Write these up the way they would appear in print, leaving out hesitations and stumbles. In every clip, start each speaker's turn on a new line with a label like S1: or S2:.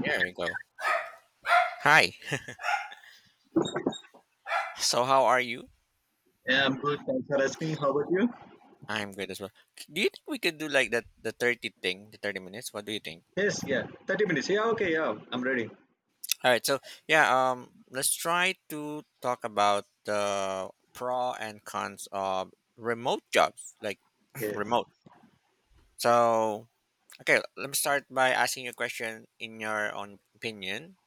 S1: There you go. Hi. So how are you?
S2: Yeah, I'm good. Thanks for asking. How about you?
S1: I'm good as well. Do you think we could do like that the 30 thing, the 30 minutes? What do you think?
S2: Yes, yeah. 30 minutes. Yeah, okay, yeah. I'm ready.
S1: All right. So yeah, let's try to talk about the pro and cons of remote jobs, like
S2: Yes.
S1: remote. So okay, let me start by asking you a question in your own opinion.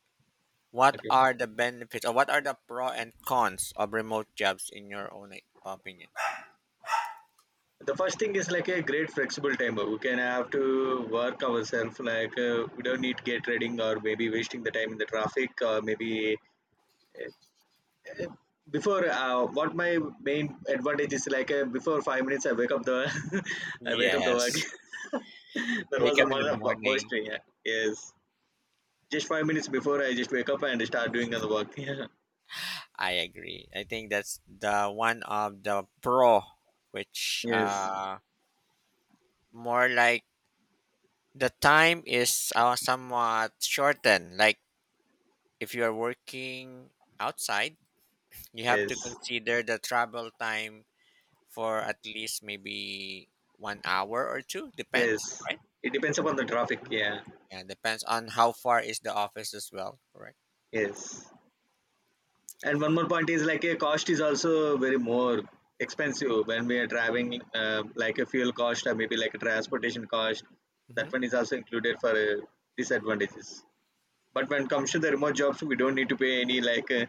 S1: What
S2: Okay.
S1: are the benefits or what are the pro and cons of remote jobs in your own, like, opinion?
S2: The first thing is like a great flexible time. We can have to work ourselves. We don't need gate reading or maybe wasting the time in the traffic or maybe uh, before what my main advantage is before 5 minutes I wake up the I wake up the work.
S1: Yes.
S2: That
S1: Wake
S2: was the
S1: up in the
S2: mother first
S1: morning.
S2: thing. Yeah. Yes. Just 5 minutes before I just wake up and start doing the work. Yeah.
S1: I agree. I think that's the one of the pro, which
S2: Yes.
S1: more like the time is somewhat shortened. Like if you are working outside, you have to
S2: Yes,
S1: consider the travel time for at least maybe 1 hour or two. Depends,
S2: yes.
S1: right?
S2: It depends upon the traffic.
S1: Mhm.
S2: Yeah,
S1: Yeah, depends on how far is the office as well. Correct.
S2: yes. And one more point is like a cost is also very more expensive when we are driving, like a fuel cost or maybe like a transportation cost.
S1: Hmm.
S2: That one is also included for disadvantages. But when it comes to the remote jobs, we don't need to pay any like uh,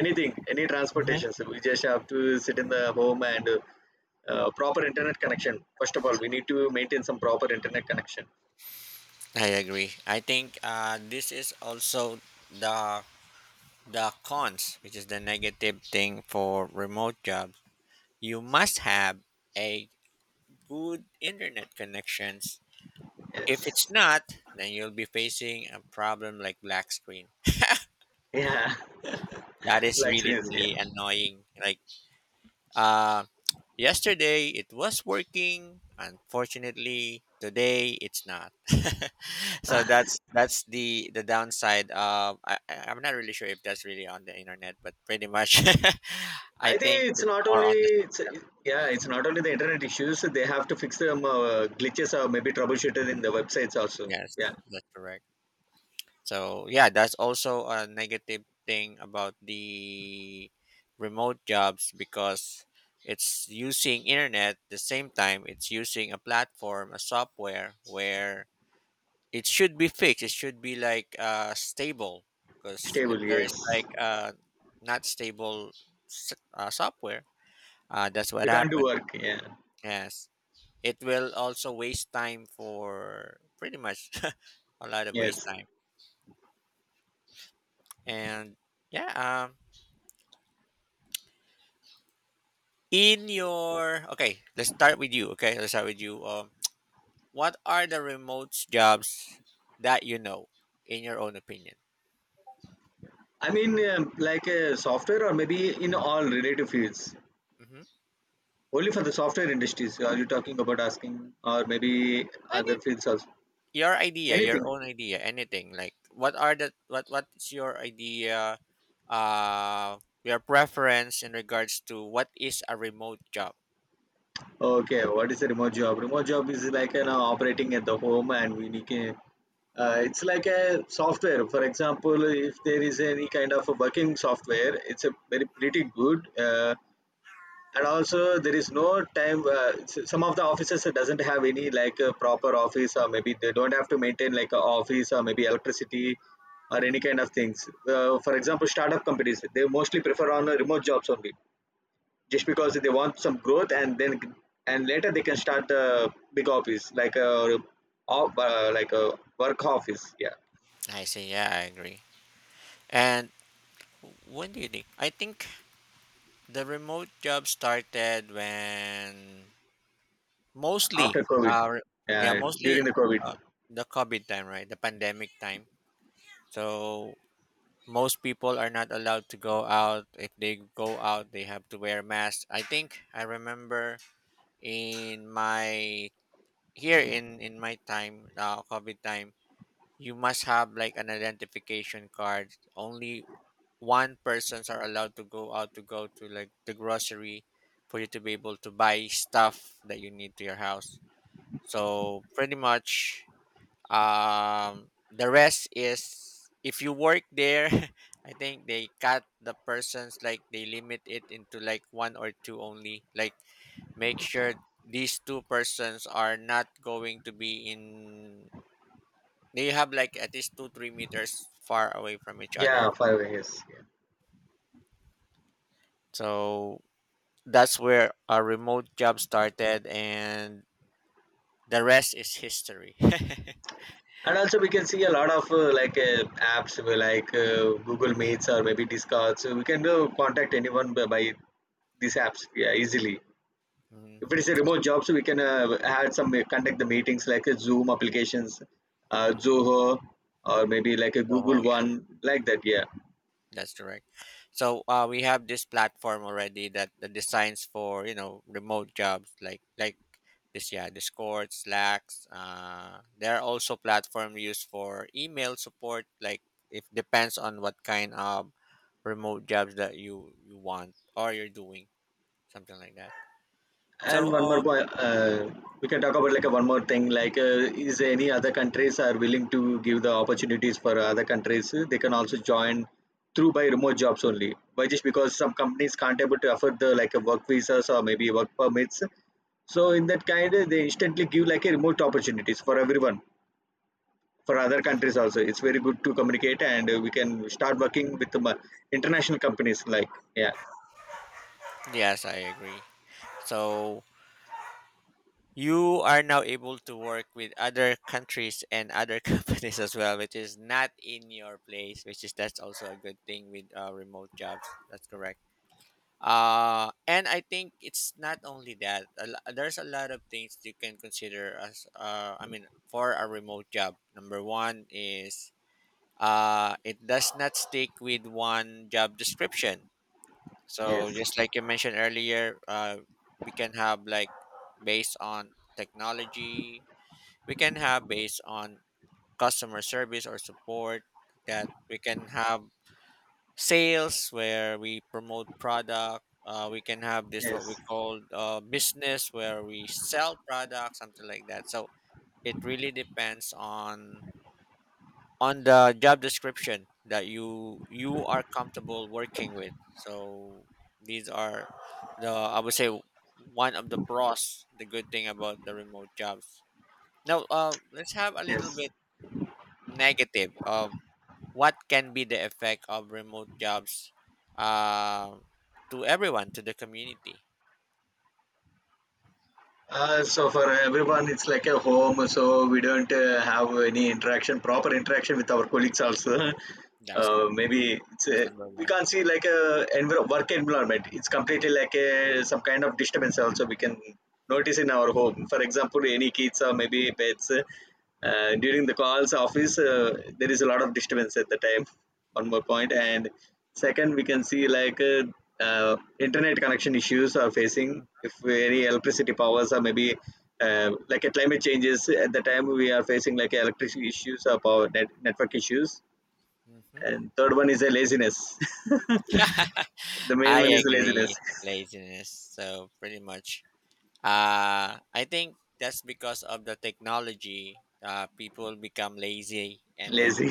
S2: anything, any
S1: Hmm.
S2: transportation. So we just have to sit in the home and proper internet connection. First of all, we need to maintain some proper internet connection.
S1: I agree. I think this is also the the cons, which is the negative thing for remote jobs, you must have a good internet connections. If it's
S2: Yes.
S1: not, then you'll be facing a problem like black screen.
S2: Yeah.
S1: That is
S2: Like
S1: really
S2: experience, yeah.
S1: really annoying. Like uh yesterday it was working, unfortunately today it's not. So that's the downside of I'm not really sure if that's really on the internet, but pretty much I
S2: I think
S1: think
S2: it's
S1: it's
S2: not
S1: more
S2: only
S1: on the
S2: it's yeah,
S1: right.
S2: it's not only the internet issues. They have to fix some glitches or maybe troubleshooting in the websites also.
S1: Yes,
S2: Yeah,
S1: that's correct. So yeah, that's also a negative thing about the remote jobs because it's using internet the same time it's using a platform, a software where it should be fixed. It should be like stable because if
S2: stable.
S1: there is
S2: Yes,
S1: like not stable software, that's
S2: we
S1: what
S2: can't do
S1: happened.
S2: work. Yeah,
S1: Yes, it will also waste time for pretty much a lot of waste
S2: yes.
S1: time. And yeah, in your okay, let's start with you. Okay, let's start with you. What are the remote jobs that you know, in your own opinion?
S2: I mean, software or maybe in all related fields.
S1: Mm-hmm.
S2: Only for the software industries. Are you talking about asking or maybe other
S1: Anything,
S2: fields also?
S1: your idea, your
S2: Anything.
S1: own idea, anything. Like, what are the what's your idea? Your preference in regards to what is a remote job?
S2: Okay, what is a remote job? Remote job is like an operating at the home, and we can. It's like a software. For example, if there is any kind of a working software, it's a very pretty good. And also, there is no time. Some of the offices doesn't have any like a proper office, or maybe they don't have to maintain like a office, or maybe electricity, or
S1: Mm-hmm.
S2: any kind of things. For example, startup companies they mostly prefer on remote jobs only just because they want some growth, and then and later they can start a big office like a like a work office, yeah.
S1: I see. Yeah, I agree. And when do you think? I think the remote job started when
S2: After
S1: mostly,
S2: covid,
S1: yeah,
S2: yeah, during
S1: mostly
S2: the covid,
S1: uh, the COVID time, right? The pandemic time. So most people are not allowed to go out. If they go out, they have to wear masks. I think I remember in my here in my time, COVID time, you must have like an identification card. Only one persons are allowed to go out to go to like the grocery for you to be able to buy stuff that you need to your house. So pretty much, the rest is if you work there, I think they cut the persons like they limit it into like one or two only. Like make sure these two persons are not going to be in. They have like at least 2 3 meters far away from each
S2: yeah,
S1: other.
S2: 5 years, yeah.
S1: So that's where our remote job started, and the rest is history.
S2: And also we can see a lot of apps, like google meets or maybe discords, so we can contact anyone by these apps, yeah, easily.
S1: Mm-hmm.
S2: If it is a remote job, so we can have some conduct the meetings like a Zoom applications,
S1: Mm-hmm.
S2: Zoho, or maybe like a Google
S1: So, yeah.
S2: One, like that. Yeah.
S1: That's correct. So we have this platform already that the designs for you know remote jobs like this yeah Discord, Slacks. There are also platform used for email support. Like it depends on what kind of remote jobs that you want or you're doing something like that.
S2: And
S1: So
S2: one more point, we can talk about like a one more thing. Like, is any other countries are willing to give the opportunities for other countries? They can also join through by remote jobs only. Why? Just because some companies can't able to afford the like a work visas or maybe work permits. So in that kind, they instantly give like a remote opportunities for everyone, for other countries also. It's very good to communicate, and we can start working with the international companies. Like yeah,
S1: yes, I agree. So you are now able to work with other countries and other companies as well which is not in your place which is that's also a good thing with remote jobs that's correct and I think it's not only that there's a lot of things you can consider as I mean for a remote job number one is it does not stick with one job description
S2: yes,
S1: so just like you mentioned earlier we can have like based on technology we can have based on customer service or support that we can have sales where we promote product, we can have this what we
S2: yes,
S1: call business where we sell products something like that so it really depends on the job description that you are comfortable working with so these are the I would say one of the pros the good thing about the remote jobs now, let's have a little
S2: yes.
S1: bit negative of what can be the effect of remote jobs, uh, to everyone to the community
S2: So for everyone, it's like a home. So we don't have any interaction, proper interaction with our colleagues. Also,
S1: that's
S2: uh,
S1: correct
S2: maybe it's
S1: that's
S2: a,
S1: number
S2: we
S1: one.
S2: can't see like a work environment. It's completely like a some kind of disturbance. Also, we can notice in our home. For example, any kids or maybe pets during the calls office, there is a lot of disturbance at the time. One more point, and second, we can see like internet connection issues are facing. If any electricity powers are maybe like a climate changes at the time, we are facing like electricity issues or power net, network issues.
S1: Mm-hmm.
S2: And third one is a laziness. The main
S1: I
S2: one is laziness,
S1: agree laziness so pretty much I think that's because of the technology, people become lazy and then
S2: lazy.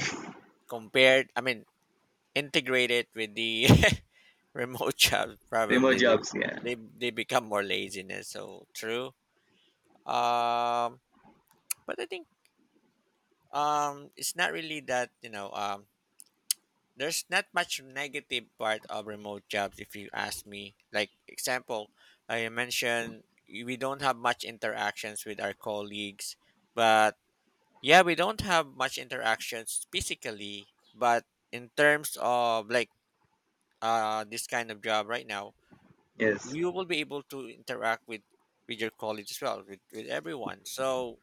S1: compared I mean integrated with the remote job
S2: Remote
S1: probably
S2: jobs, yeah.
S1: they become more laziness so true. Um, but I think it's not really that. There's not much negative part of remote jobs if you ask me. Like example, I mentioned we don't have much interactions with our colleagues, but yeah, we don't have much interactions physically. But in terms of like this kind of job right now,
S2: Yes.
S1: we will be able to interact with your colleagues as well with everyone. So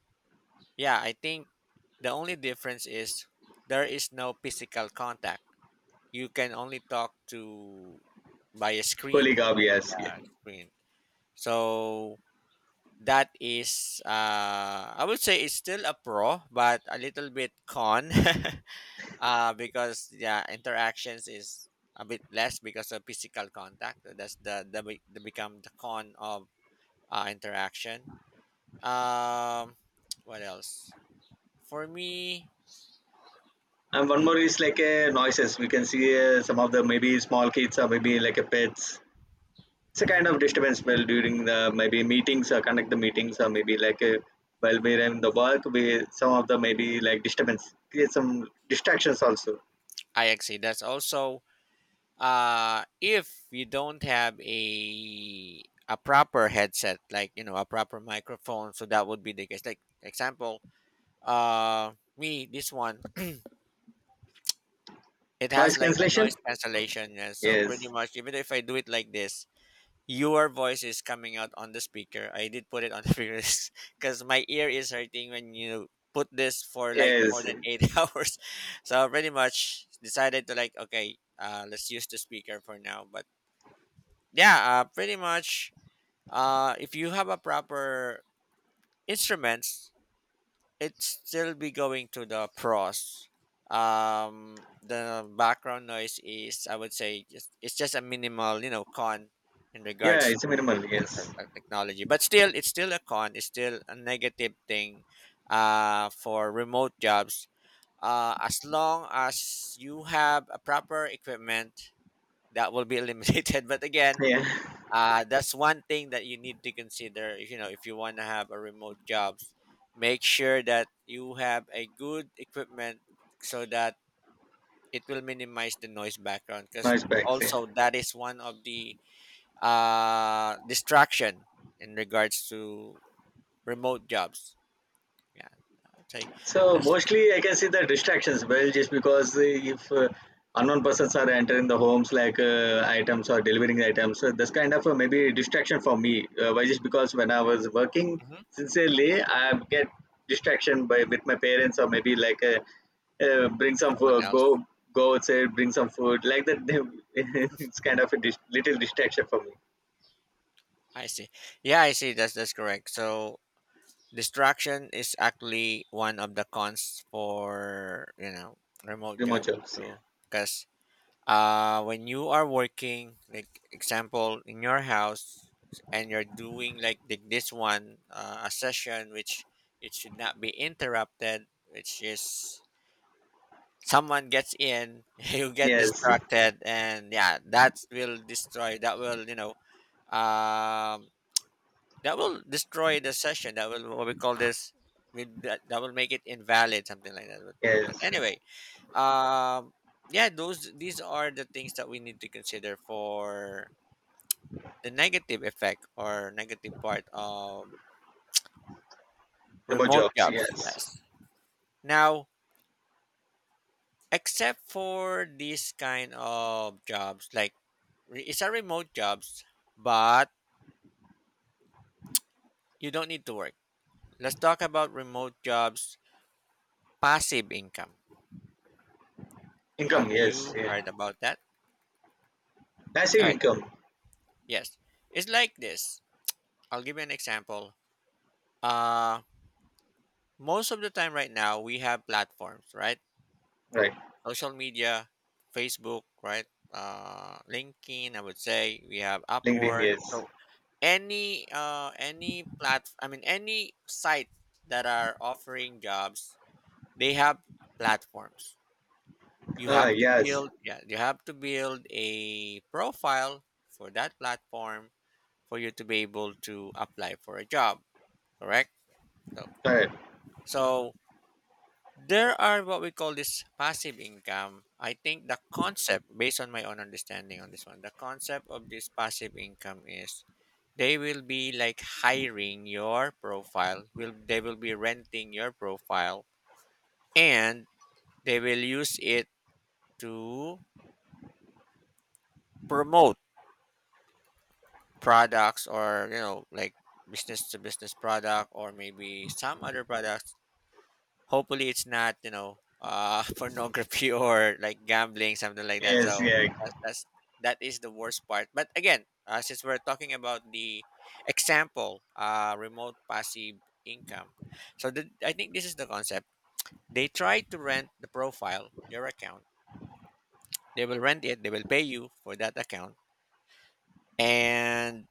S1: yeah, I think the only difference is there is no physical contact. You can only talk to by a
S2: Holy
S1: screen,
S2: gob, yes, yeah.
S1: screen. So that is, I would say, it's still a pro, but a little bit con, because yeah, interactions is a bit less because of physical contact. That's the become the con of interaction. Um, what else? For me,
S2: And one more is like a noises. We can see some of the maybe small kids or maybe like a pets. It's a kind of
S1: mhm.
S2: disturbance well during the maybe meetings or conduct the meetings or maybe while we're in the work, we some of the maybe like disturbance create some distractions also.
S1: I agree. That's also if you don't have a proper headset, like you know, a proper microphone, so that would be the case. Like example, me, this one, it
S2: Noise
S1: has like a
S2: cancellation,
S1: noise cancellation, yeah. So pretty
S2: yes.
S1: much even if I do it like this, your voice is coming out on the speaker. I did put it on the speaker because my ear is hurting when you put this for like more
S2: Yes,
S1: than eight hours. So pretty much decided to like okay, let's use the speaker for now. But yeah pretty much if you have a proper instruments it still be going to the pros the background noise is I would say just it's just a minimal you know con in
S2: yeah,
S1: regards
S2: it's
S1: to the
S2: minimal, yes.
S1: technology but still it's still a con it's still a negative thing for remote jobs as long as you have a proper equipment that will be eliminated but again,
S2: Yeah.
S1: that's one thing that you need to consider if you know if you want to have a remote jobs make sure that you have a good equipment so that it will minimize the noise background because
S2: Noise back, yeah.
S1: also that is one of the distraction in regards to remote jobs yeah I'll say
S2: So
S1: that's.
S2: mostly I can see the distractions. Well, just because if unknown persons are entering the homes like items or delivering items, so this kind of maybe distraction for me. Why? Just because when I was working
S1: Mhm.
S2: sincerely, I get distraction by with my parents or maybe like bring some
S1: Someone
S2: food,
S1: else
S2: go outside, bring some food, like that. It's kind of a little distraction for me.
S1: I see yeah I see that's correct so distraction is actually one of the cons for you know remote
S2: Remote
S1: job
S2: jobs, yeah.
S1: too, because when you are working, like example in your house, and you're doing like this one a session which it should not be interrupted, which is someone gets in, you get
S2: Yes,
S1: distracted, and yeah, that will destroy. That will you know um that will destroy the session. That will what we call this. That, that will make it invalid, something like that. But
S2: yes.
S1: anyway, um, yeah, those these are the things that we need to consider for the negative effect or negative part of
S2: Remote
S1: remote
S2: jobs.
S1: jobs.
S2: Yes.
S1: Yes. Now, except for these kind of jobs, like it's a remote jobs, but you don't need to work. Let's talk about remote jobs, passive income.
S2: Income.
S1: Have
S2: Yes.
S1: you
S2: Yeah.
S1: heard about that? All
S2: Passive
S1: right.
S2: income.
S1: Yes. It's like this. I'll give you an example. Uh, most of the time right now, we have platforms, right?
S2: Right.
S1: Social media, Facebook, right? LinkedIn, I would say we have
S2: LinkedIn,
S1: Upwork.
S2: yes.
S1: So any plat I mean any site that are offering jobs, they have platforms. You
S2: Ah,
S1: have to
S2: yes.
S1: build yeah, you have to build a profile for that platform for you to be able to apply for a job correct? So,
S2: Correct.
S1: so there are what we call this passive income. I think the concept, based on my own understanding on this one, the concept of this passive income is they will be like hiring your profile. Will they will be renting your profile, and they will use it to promote products or you know like business to business product or maybe some other products hopefully, it's not you know pornography or like gambling, something like that.
S2: Yes,
S1: So
S2: yeah,
S1: that's, that's that is the worst part. But again, since we're talking about the example, remote passive income. So the, I think this is the concept. They try to rent the profile, your account. They will rent it. They will pay you for that account. And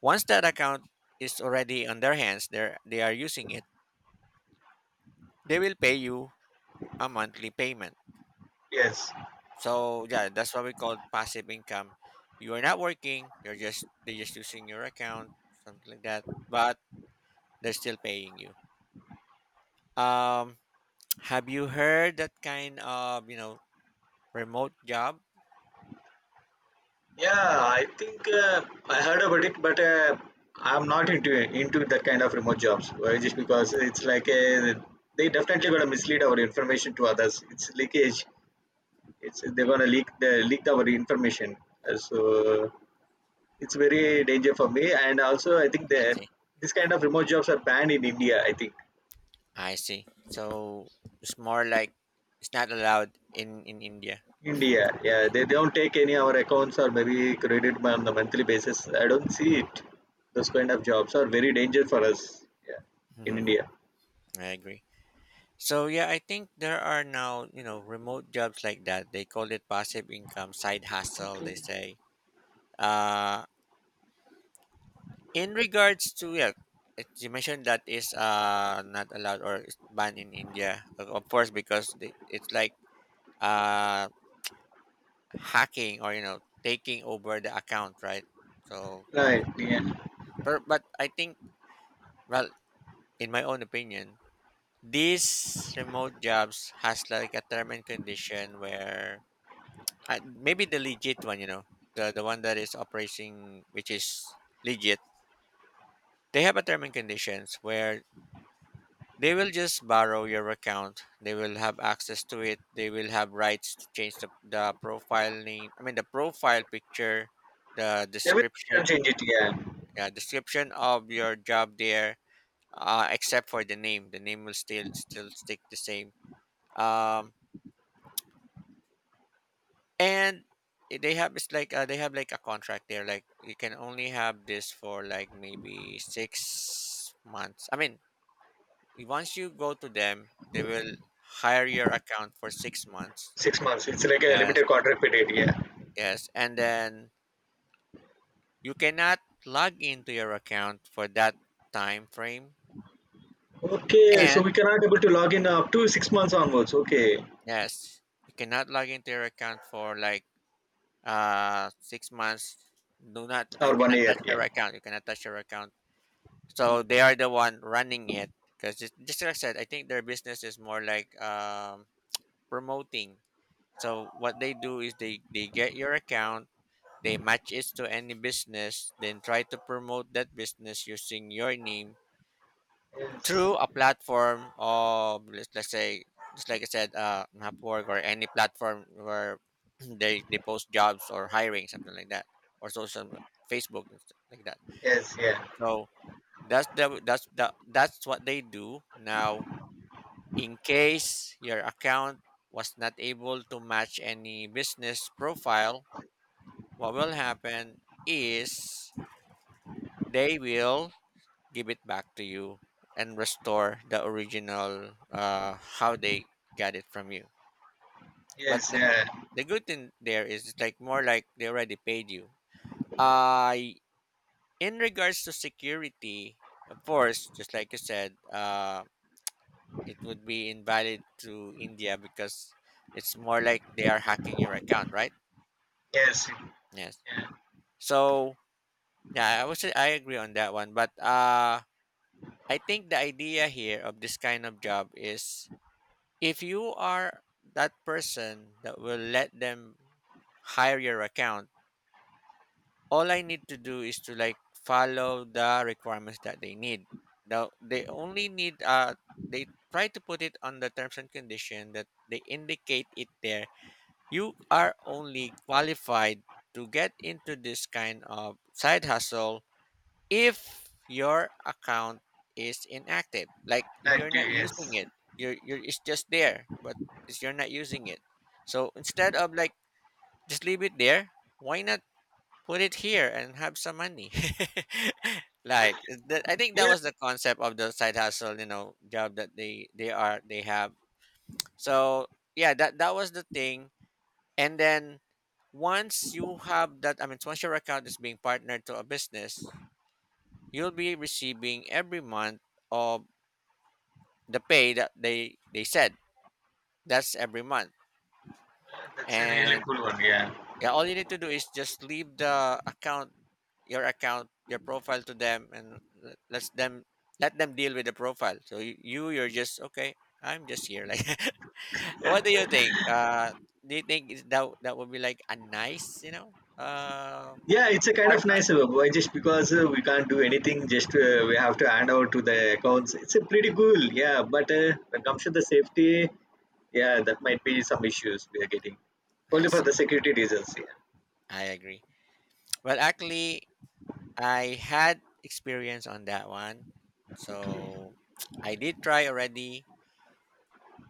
S1: once that account is already on their hands, they are using it. They will pay you a monthly payment.
S2: yes.
S1: So yeah, that's what we call passive income. You are not working. You're just they're just using your account, something like that. But they're still paying you. Um, have you heard that kind of remote job?
S2: Yeah, I think I heard about it, but I'm not into that kind of remote jobs. Why? Just because
S1: Hmm.
S2: it's like a, they definitely gonna mislead our information to others. It's leakage. It's they're gonna leak the leak our information. So
S1: Hmm.
S2: it's very danger for me. And also, I think
S1: I
S2: that
S1: see.
S2: this kind of remote jobs are banned in India. I think
S1: I see. So it's more like it's not allowed in India. I
S2: India, yeah,
S1: see.
S2: they don't take any our accounts or maybe credit on the monthly basis. I don't see it. Those kind of jobs are very dangerous for us. Yeah, in
S1: Hmm.
S2: India.
S1: I agree. So yeah, I think there are now remote jobs like that. They call it passive income, side hustle, they say. Uh, In regards to, yeah, you mentioned that is not allowed or is banned in India, of course, because it's like uh hacking or taking over the account, right? So
S2: Right.
S1: probably,
S2: Yeah.
S1: but I think, well, in my own opinion, these remote jobs has like a term and condition where maybe the legit one, you know, the one that is operating, which is legit, they have a term and conditions where they will just borrow your account. They will have access to it. They will have rights to change the profile name. I mean, the profile picture, the
S2: They will can
S1: description,
S2: change it. Yeah,
S1: yeah, description of your job there, except for the name. The name will still stick the same. Um, and they have, it's like they have like a contract there. Like you can only have this for like maybe 6 months. I mean, once you go to them, they will hire your account for 6 months.
S2: 6 months. It's like a
S1: Yes,
S2: limited contract period. Yeah.
S1: yes. And then you cannot log into your account for that time frame.
S2: Okay, so we
S1: And
S2: cannot able to log in up to 6 months onwards. Okay,
S1: yes, you cannot log into your account for like 6 months. Do not. I
S2: or one
S1: cannot
S2: year.
S1: touch your
S2: Yeah.
S1: account. You cannot touch your account. So they are the one running it, because just like I said, I think their business is more like promoting. So what they do is they get your account, they match it to any business, then try to promote that business using your name
S2: Yes.
S1: through a platform of, let's say, just like I said, Upwork, or any platform where they post jobs or hiring, something like that, or social, Facebook and stuff like that.
S2: Yes. Yeah.
S1: So that's what they do now. In case your account was not able to match any business profile, what will happen is they will give it back to you and restore the original, how they got it from you. but
S2: Yes.
S1: the th-
S2: Yeah.
S1: the good thing there is, it's like, more like, they already paid you. uh in regards to security, of course, just like you said, it would be invalid to India because it's more like they are hacking your account, right?
S2: Yes.
S1: Yes.
S2: Yeah.
S1: So yeah, I would say I agree on that one, but I think the idea here of this kind of job is, if you are that person that will let them hire your account, all I need to do is to like follow the requirements that they need. Now they only need, they try to put it on the terms and condition that they indicate it there. You are only qualified to get into this kind of side hustle if your account is inactive, like if you're not
S2: Active.
S1: using
S2: Yes.
S1: it, you're, it's just there, but it's, you're not using it. So instead of like just leave it there, why not put it here and have some money? Like that, I think that
S2: Yeah,
S1: was the concept of the side hustle, you know, job that they have. So yeah, that was the thing. And then once you have that, I mean, once your account is being partnered to a business, you'll be receiving every month of the pay that they said. That's every month.
S2: that's a really
S1: And
S2: cool one. Yeah.
S1: yeah, all you need to do is just leave the account, your account, your profile to them and let them deal with the profile. So you're just okay, I'm just here, like, what do you think? Do you think is that that would be like a nice,
S2: Yeah, it's a kind
S1: part
S2: of
S1: time?
S2: nice. Why? Just because we can't do anything, just we have to hand over to the accounts. It's a pretty cool, yeah. But when it comes to the safety, yeah, that might be some issues we are getting
S1: I
S2: only for
S1: see.
S2: the security reasons. Yeah,
S1: I agree. Well, actually, I had experience on that one. So I did try already,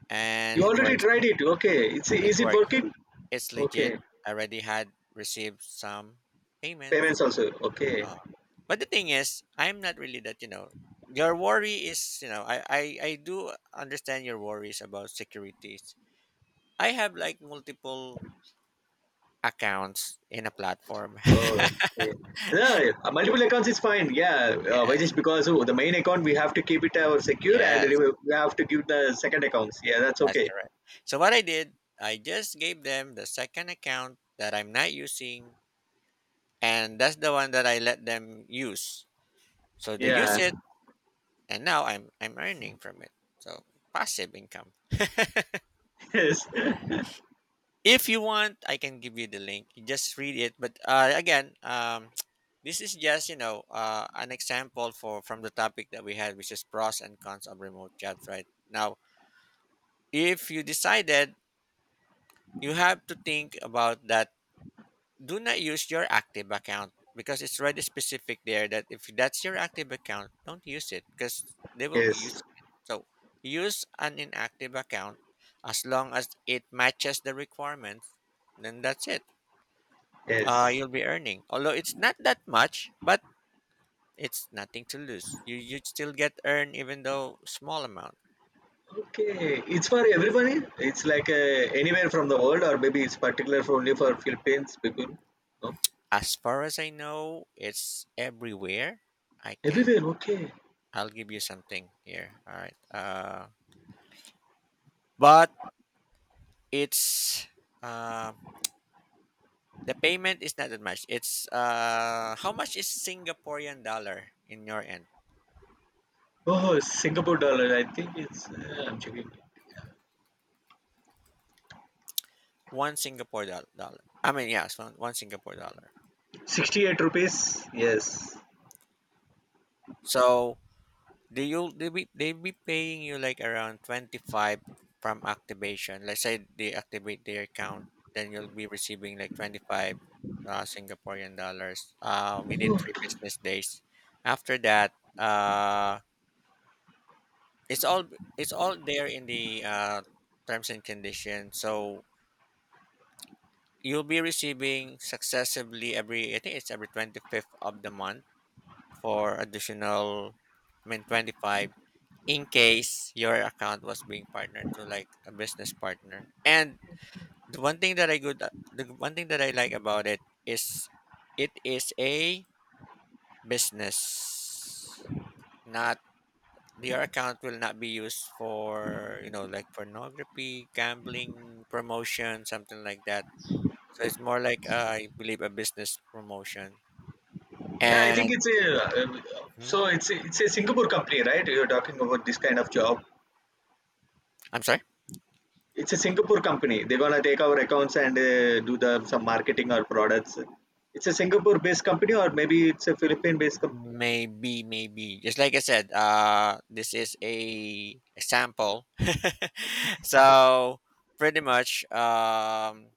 S1: and
S2: you
S1: it
S2: already
S1: works.
S2: tried it. Okay, it's
S1: It
S2: is it
S1: works.
S2: working?
S1: It's legit.
S2: Okay,
S1: I already had received some
S2: payments
S1: payments.
S2: also. Okay,
S1: Uh, but the thing is, I'm not really that, you know, your worry is, you know, I do understand your worries about securities. I have like multiple accounts in a platform.
S2: oh, okay. Yeah, multiple accounts is fine. Yeah, why?
S1: Yes.
S2: Just because oh, the main account we have to keep it secure, and we
S1: Yes.
S2: we have to give the second accounts. Yeah, that's
S1: That's
S2: okay.
S1: correct. So what I did, I just gave them the second account that I'm not using, and that's the one that I let them use. So they use
S2: Yeah.
S1: it, and now I'm earning from it. So passive income.
S2: Yes.
S1: If you want, I can give you the link. You just read it. But again, this is just an example for from the topic that we had, which is pros and cons of remote jobs. Right now, if you decided, you have to think about that. Do not use your active account, because it's already specific there that if that's your active account, don't use it, because they will be
S2: Yes.
S1: using it. So use an inactive account, as long as it matches the requirements, then that's it.
S2: Yes.
S1: You'll be earning. Although it's not that much, but it's nothing to lose. You still get earn even though small amount.
S2: Okay. It's for everybody. It's like anywhere from the world, or maybe it's particular for only for Philippines people. No?
S1: As far as I know, it's everywhere. I can
S2: Everywhere. Okay.
S1: I'll give you something here. All right. But it's, uh, the payment is not that much. It's, how much is Singaporean dollar in your end?
S2: Oh, Singapore dollar. I think it's. I'm checking.
S1: Dollar, I mean, yes, one Singapore dollar.
S2: 68 rupees. Yes.
S1: So they be paying you like around 25 from activation. Let's say they activate their account, then you'll be receiving like 25 Singaporean dollars within 3 business days. After that, uh it's all, there in the, terms and conditions. So you'll be receiving successively every, I think it's every 25th of the month, for additional, I mean, 25, in case your account was being partnered to like a business partner. And the one thing that I good the one thing that I like about it is, it is a business, not, your account will not be used for like pornography, gambling promotion, something like that. So it's more like, I believe a business promotion.
S2: Yeah, I think
S1: And
S2: it's a.
S1: mhm.
S2: So it's a Singapore company, right? You're talking about this kind of job.
S1: I'm sorry.
S2: It's a Singapore company. They're gonna take our accounts and do the some marketing or products. It's a Singapore-based company, or maybe it's a Philippine-based company.
S1: Maybe just like I said, this is a example. So pretty much,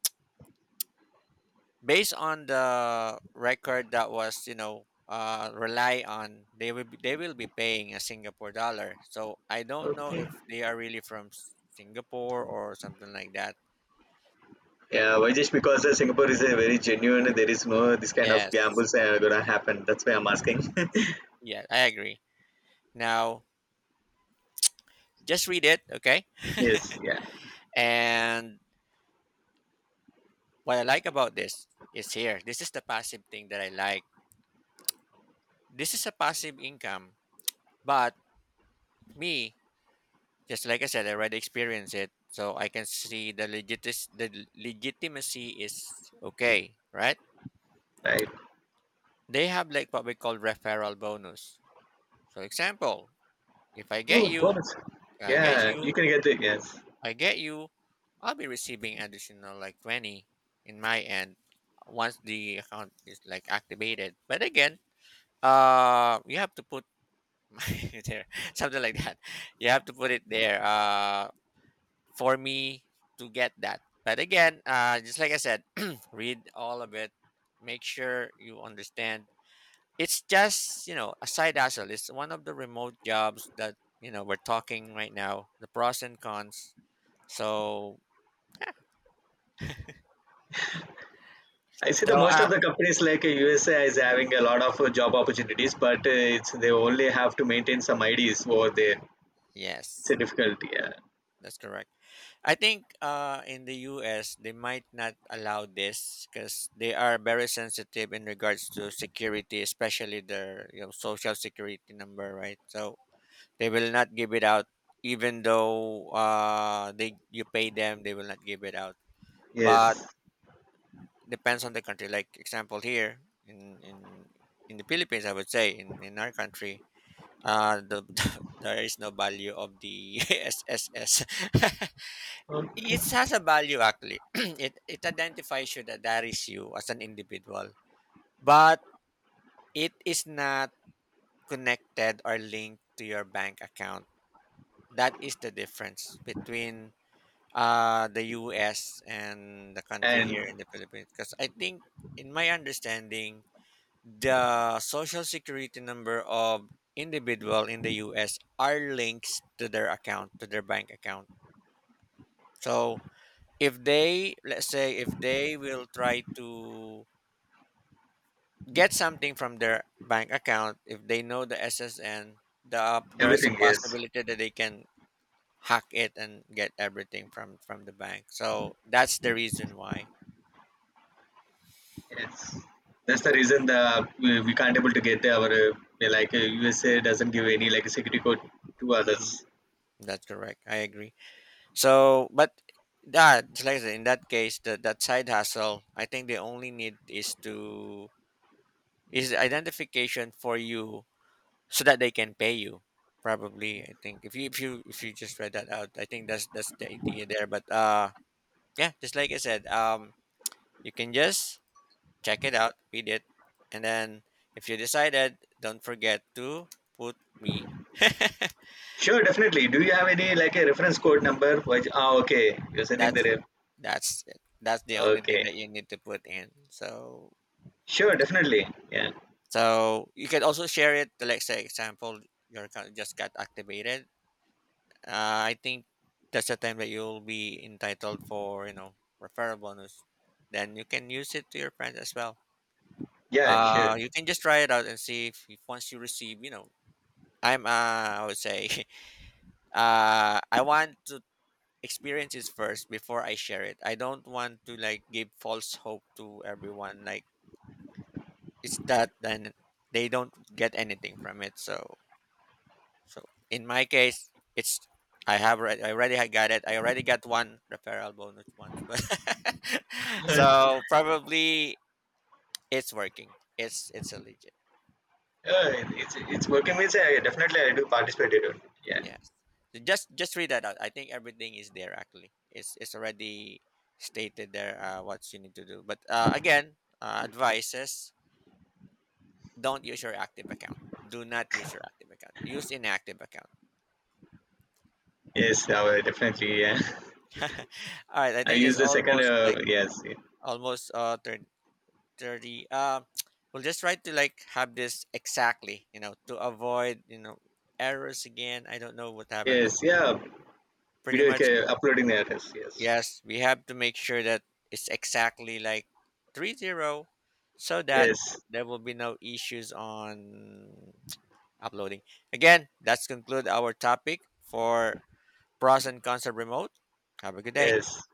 S1: based on the record that was, rely on, they will be paying a Singapore dollar. So I don't know
S2: Okay.
S1: if they are really from Singapore or something like that.
S2: Yeah, why? Just because Singapore is a very genuine. There is no this kind of
S1: Yes,
S2: gambles that are gonna happen. That's why I'm asking.
S1: yeah, I agree. Now, just read it, okay?
S2: Yes. Yeah.
S1: And what I like about this is here, this is the passive thing that I like. This is a passive income. But me, just like I said, I already experienced it, so I can see the legitis- the l- legitimacy is okay, right?
S2: Right.
S1: They have like what we call referral bonus. For example, if I get
S2: Oh,
S1: you,
S2: bonus.
S1: I get
S2: Yeah, you
S1: you,
S2: can get it. Yes.
S1: I get you, I'll be receiving additional like 20 in my end once the account is like activated. But again, you have to put there, something like that. You have to put it there. For me to get that. But again, just like I said, read all of it. Make sure you understand. It's just a side hustle. It's one of the remote jobs that we're talking right now, the pros and cons. So
S2: I see the
S1: so,
S2: most of the companies like USA is
S1: mhm.
S2: having a lot of job opportunities, but it's they only have to maintain some IDs over there. It's a
S1: Yes,
S2: difficulty. Yeah.
S1: that's correct. I think, in the US, they might not allow this because they are very sensitive in regards to security, especially their, social security number, right? So they will not give it out, even though, they you pay them, they will not give it out. But
S2: Yes.
S1: depends on the country. Like example, here in in the Philippines, I would say in our country, the there is no value of the SSS. It has a value, actually. It identifies you that that is you as an individual, but it is not connected or linked to your bank account. That is the difference between the US and the country
S2: And
S1: here in the Philippines, because I think, in my understanding, the social security number of individual in the US are links to their account, to their bank account. So if they let's say if they will try to get something from their bank account, if they know the SSN, there is a
S2: everything is
S1: possibility that they can hack it and get everything from the bank. So that's the reason why
S2: yes. That's the reason we can't able to get our USA doesn't give any like security code to
S1: mhm.
S2: others.
S1: That's correct. I agree. So, but that, it's like I said, in that case, that that side hustle, I think the only need is identification for you so that they can pay you. Probably, I think if you if you if you just read that out, I think that's the idea there. But, yeah, just like I said, you can just check it out, read it, and then if you decided, don't forget to put me.
S2: Sure, definitely. Do you have any like a reference code number which ah okay you're sending the
S1: That's
S2: ref-
S1: that's it. That's the only thing
S2: okay?
S1: that you need to put in. So
S2: Sure, definitely, yeah.
S1: so you can also share it. Like say example, your account just got activated. I think that's the time that you'll be entitled for referral bonus. Then you can use it to your friends as well.
S2: Yeah, sure.
S1: You can just try it out and see if once you receive, you know, I would say, I want to experience this first before I share it. I don't want to like give false hope to everyone. Like it's that then they don't get anything from it. So so in my case, it's, I already had got it. I already got one referral bonus once, but
S2: Yeah,
S1: so probably it's working. It's a legit.
S2: it's working means I definitely I do participate in it. Yeah.
S1: Yes. So just read that out. I think everything is there actually. It's already stated there, what you need to do. But, again, advices: don't use your active account. Do not use your active account. Use inactive account.
S2: Yes, I will definitely. Yeah.
S1: All right. I
S2: I
S1: think
S2: use
S1: it's
S2: the second.
S1: almost like
S2: Yes, yeah.
S1: almost 30, 30, we'll just try to like have this exactly, you know, to avoid, you know, errors again. I don't know what happened, but
S2: Yes. Yeah.
S1: pretty
S2: Video
S1: much,
S2: ca- uploading the address. Yes.
S1: yes, we have to make sure that it's exactly like 30, so that
S2: Yes,
S1: there will be no issues on uploading. Again, that's conclude our topic for pros and cons of remote. Have a good day.
S2: yes.